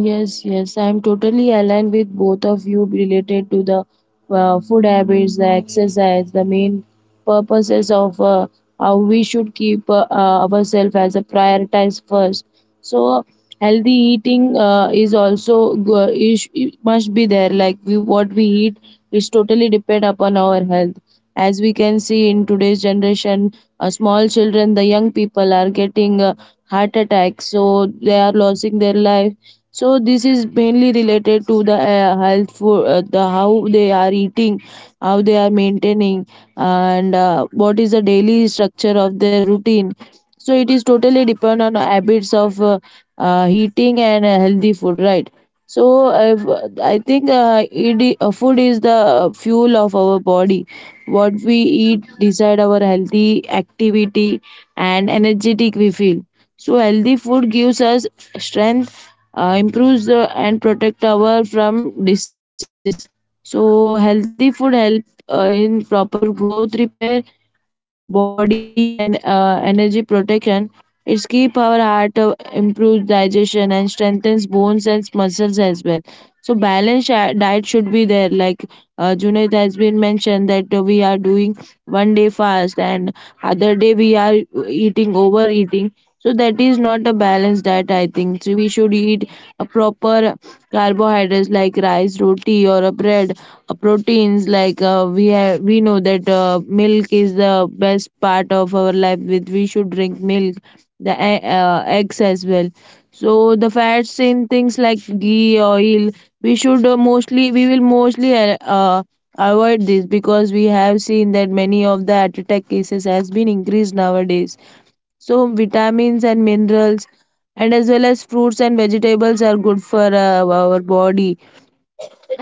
S3: Yes, yes, I'm totally aligned with both of you related to the food habits, the exercise, the main purposes of, how we should keep ourselves as a prioritize first. So healthy eating is also is, it must be there. Like we, what we eat is totally depend upon our health. As we can see in today's generation, small children, the young people are getting heart attacks, so they are losing their life. So this is mainly related to the health for the how they are eating, how they are maintaining, and what is the daily structure of their routine. So it is totally depend on habits of eating and healthy food, right? So I think food is the fuel of our body. What we eat decide our healthy activity and energetic we feel. So healthy food gives us strength, improves and protect our from diseases. So healthy food help in proper growth repair, body and energy protection. It's keep our heart, improves digestion and strengthens bones and muscles as well. So balanced diet should be there. Like Junaid has been mentioned that we are doing one day fast and other day we are eating overeating. So that is not a balanced diet, I think. So we should eat a proper carbohydrates like rice, roti or a bread, a proteins like, we have, we know that milk is the best part of our life with we should drink milk, the eggs as well. So the fats in things like ghee, oil, we should mostly, we will mostly avoid this, because we have seen that many of the heart attack cases has been increased nowadays. So vitamins and minerals and as well as fruits and vegetables are good for our body.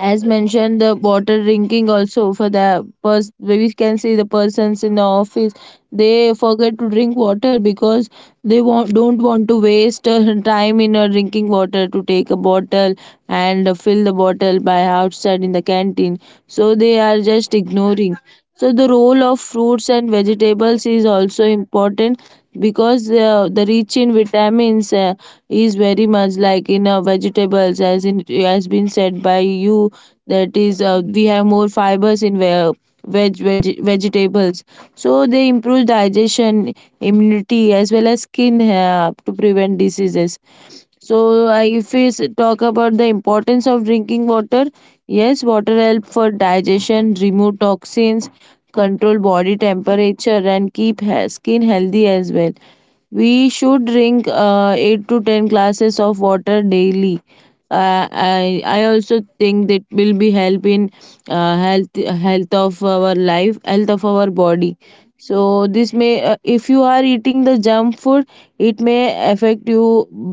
S3: As mentioned, the water drinking also for the we can see the persons in the office, they forget to drink water because they want, don't want to waste time in drinking water to take a bottle and fill the bottle by outside in the canteen. So they are just ignoring. So the role of fruits and vegetables is also important, because the rich in vitamins is very much like in vegetables as in has been said by you, that is, we have more fibers in vegetables. So they improve digestion, immunity as well as skin, to prevent diseases. So I, if we talk about the importance of drinking water, yes, water help for digestion, remove toxins, control body temperature, and keep skin healthy as well. We should drink eight to ten glasses of water daily. I also think that will be help in health of our life, health of our body. So this may, if you are eating the junk food, it may affect you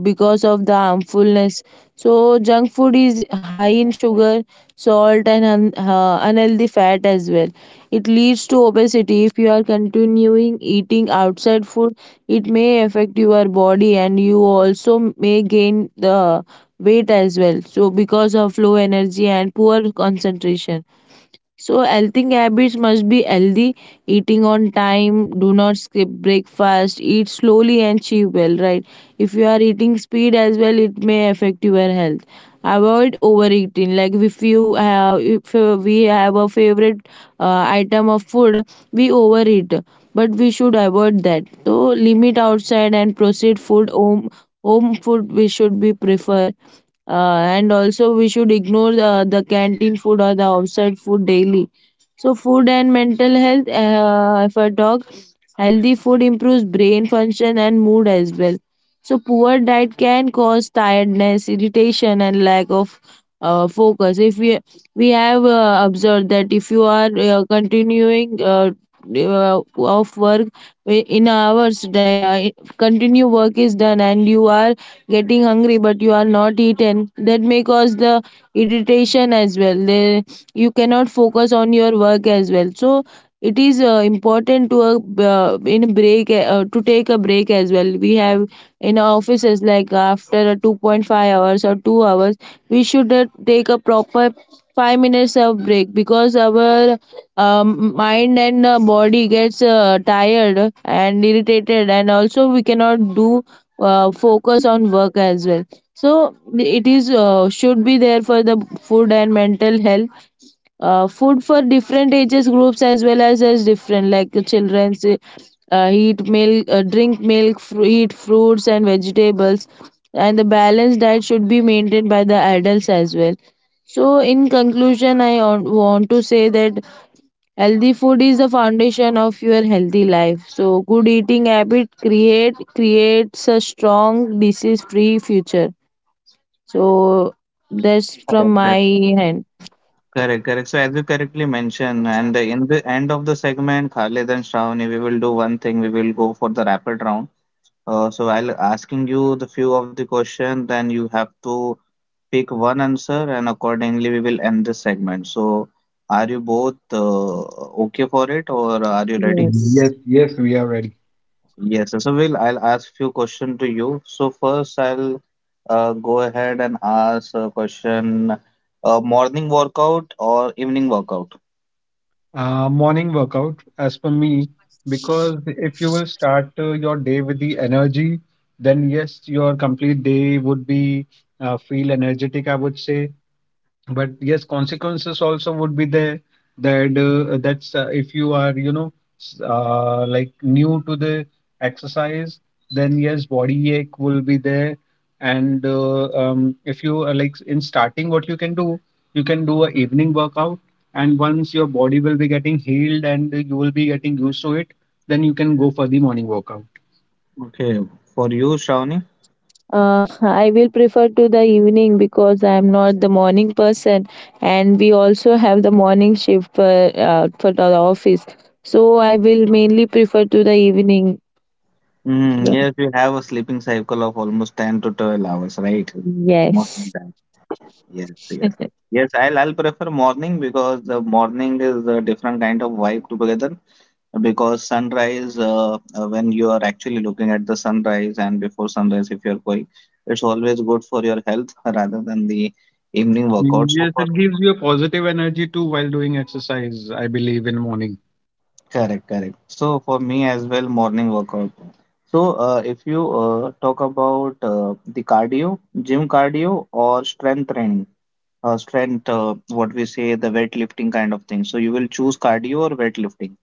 S3: because of the harmfulness. So junk food is high in sugar, salt and unhealthy fat as well. It leads to obesity. If you are continuing eating outside food, it may affect your body and you also may gain the weight as well, so because of low energy and poor concentration. So, healthy habits must be healthy, eating on time, do not skip breakfast, eat slowly and chew well, right? If you are eating speed as well, it may affect your health. Avoid overeating. Like if you have, if we have a favorite item of food, we overeat, but we should avoid that. So, limit outside and proceed food home. Home food we should be prefer, and also, we should ignore the canteen food or the outside food daily. So, food and mental health, if I talk, healthy food improves brain function and mood as well. So, poor diet can cause tiredness, irritation, and lack of focus. If we have observed that if you are continuing of work in hours, the, continue work is done, and you are getting hungry, but you are not eaten. That may cause the irritation as well. They, you cannot focus on your work as well. So it is important to a, in break to take a break as well. We have in our offices like after a 2.5 hours or 2 hours, we should take a proper 5 minutes of break, because our mind and body gets tired and irritated, and also we cannot do focus on work as well. So it is, should be there for the food and mental health. Food for different ages groups as well, as different like the children's eat milk drink milk, fru eat fruits and vegetables, and the balanced diet should be maintained by the adults as well. So in conclusion, I want to say that healthy food is the foundation of your healthy life. So good eating habit creates a strong disease free future. So that's from
S2: Correct,
S3: my
S2: correct,
S3: end.
S2: correct, correct. So as you correctly mentioned, and in the end of the segment, Khalid and Shravani, we will do one thing. We will go for the rapid round. So I'll asking you the few of the question, then you have to pick one answer, and accordingly we will end this segment. So are you both okay for it, or are you ready?
S3: Yes.
S1: Yes, yes, we are ready.
S2: Yes, so Will, I'll ask few question to you. So first, I'll go ahead and ask a question: morning workout or evening workout?
S1: Morning workout, as per me, because if you will start your day with the energy, then yes, your complete day would be feel energetic, I would say. But yes, consequences also would be there, that that's if you are like new to the exercise, then yes, body ache will be there. And if you are like in starting, what you can do a evening workout. And once your body will be getting healed and you will be getting used to it, then you can go for the morning workout.
S2: Okay. For you, Shravani?
S3: I will prefer to the evening, because I am not the morning person, and we also have the morning shift for, for the office. So I will mainly prefer to the evening.
S2: Mm, yes, you have a sleeping cycle of almost 10 to 12 hours, right? Morning
S3: Yes,
S2: time. Yes, yes, yes. Yes, I'll prefer morning because the morning is a different kind of vibe together, because sunrise when you are actually looking at the sunrise and before sunrise if you're going, it's always good for your health rather than the evening workout. So
S1: Yes,
S2: for
S1: it gives
S2: me,
S1: you a positive energy too while doing exercise, I believe, in morning.
S2: correct, correct. So for me as well, morning workout. So if you talk about the cardio gym, cardio or strength training, strength, what we say the weightlifting kind of thing, so you will choose cardio or weightlifting?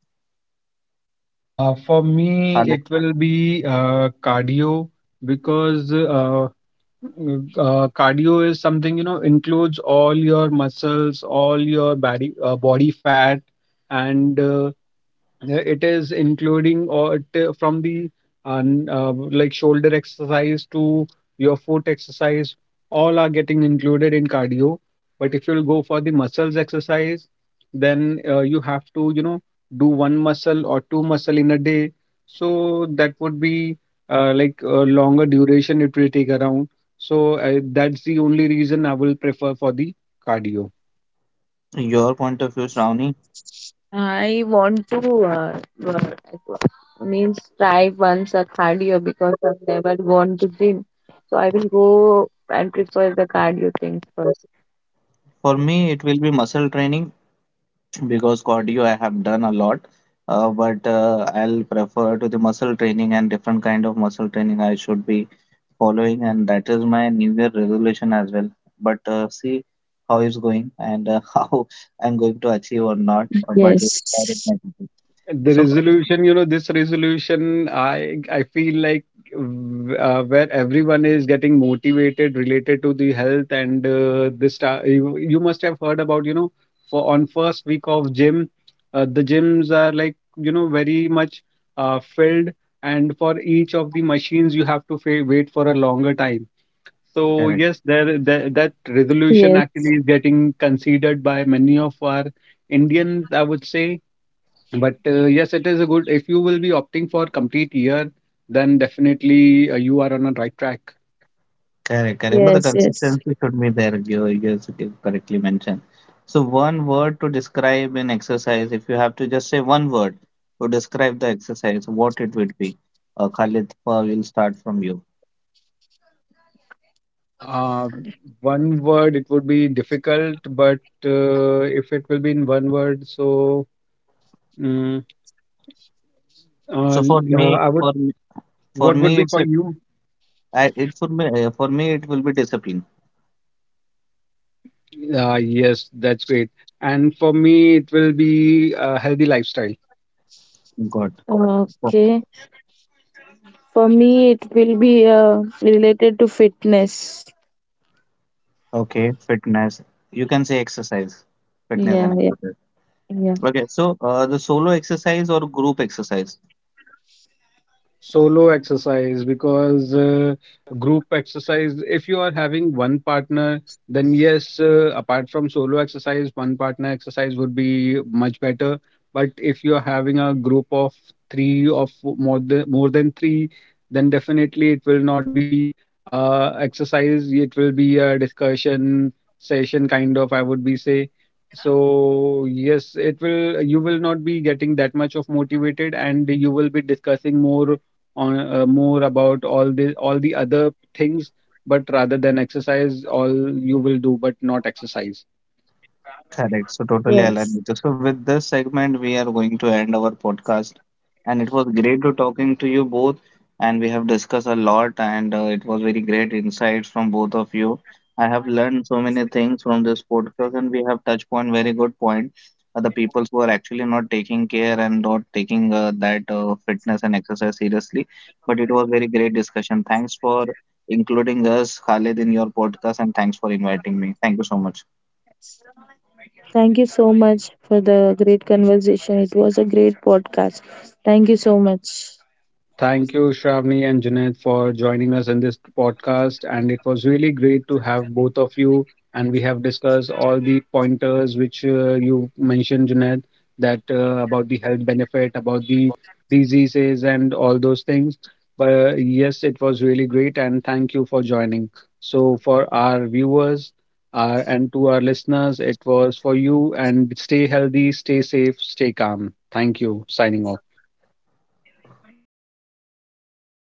S1: For me,
S2: Alex,
S1: it will be cardio, because cardio is something, includes all your muscles, all your body, body fat, and it is including from the like shoulder exercise to your foot exercise. All are getting included in cardio. But if you'll go for the muscles exercise, then you have to, do one muscle or two muscle in a day. So that would be like a longer duration it will take around. So that's the only reason I will prefer for the cardio.
S2: your point of view, Shravani?
S3: I want to uh, means try once a cardio, because I've never gone to gym. So I will go and prefer the cardio things first.
S2: For me it will be muscle training because cardio I have done a lot, but I'll prefer to the muscle training, and different kind of muscle training I should be following, and that is my New Year resolution as well. But see how it's going and how I'm going to achieve or not, but it's
S3: Yes,
S2: there in my table.
S1: The
S2: So
S1: resolution, you know, This resolution, I feel like where everyone is getting motivated related to the health, and this you must have heard about, for on first week of gym. The gyms are like, very much filled, and for each of the machines you have to wait for a longer time. So
S2: correct.
S1: yes, there that resolution
S3: yes,
S1: actually is getting considered by many of our Indians, I would say. But yes, it is a good if you will be opting for complete year, then definitely you are on a right track.
S2: Correct, correct. But the
S3: yes, yes.
S2: consistency should be there, you correctly mentioned. So, one word to describe an exercise, if you have to just say one word to describe the exercise, what it would be. Khalid, we'll start from you.
S1: uh, One word, it would be difficult, but if it will be in one word, so mm,
S2: So, for me,
S1: I would.
S2: for me, for
S1: What would
S2: me,
S1: be
S2: it's
S1: for
S2: a,
S1: you?
S2: I, it for me, it will be discipline.
S1: Yes, that's great. And for me, it will be a healthy lifestyle.
S2: Good. O-
S3: Okay. For me, it will be related to fitness.
S2: okay, fitness. You can say exercise, fitness
S3: Yeah,
S2: and
S3: yeah,
S2: exercise.
S3: yeah.
S2: Okay, so the solo exercise or group exercise?
S1: Solo exercise, because group exercise, if you are having one partner, then yes, apart from solo exercise, one partner exercise would be much better. But if you are having a group of 3 or more than 3, then definitely it will not be exercise, it will be a discussion session kind of, I would be say. So yes, it will you will not be getting that much of motivated, and you will be discussing more on more about all the other things, but rather than exercise, all you will do, but not exercise.
S2: Correct. So totally aligned
S3: Yes.
S2: with you. So with this segment, we are going to end our podcast, and it was great to talking to you both, and we have discussed a lot, and it was very great insights from both of you. I have learned so many things from this podcast, and we have touched on very good point. The people who are actually not taking care and not taking that fitness and exercise seriously. But it was very great discussion. Thanks for including us, Khalid, in your podcast, and thanks for inviting me. Thank you so much.
S3: Thank you so much for the great conversation. It was a great podcast. Thank you so much.
S1: Thank you, Shravani and Junaid, for joining us in this podcast. And it was really great to have both of you. And we have discussed all the pointers which you mentioned, Junaid, that about the health benefit, about the diseases, and all those things. But yes, it was really great. And thank you for joining. So, for our viewers and to our listeners, it was for you. And stay healthy, stay safe, stay calm. Thank you. Signing off.
S2: Thank you, guys.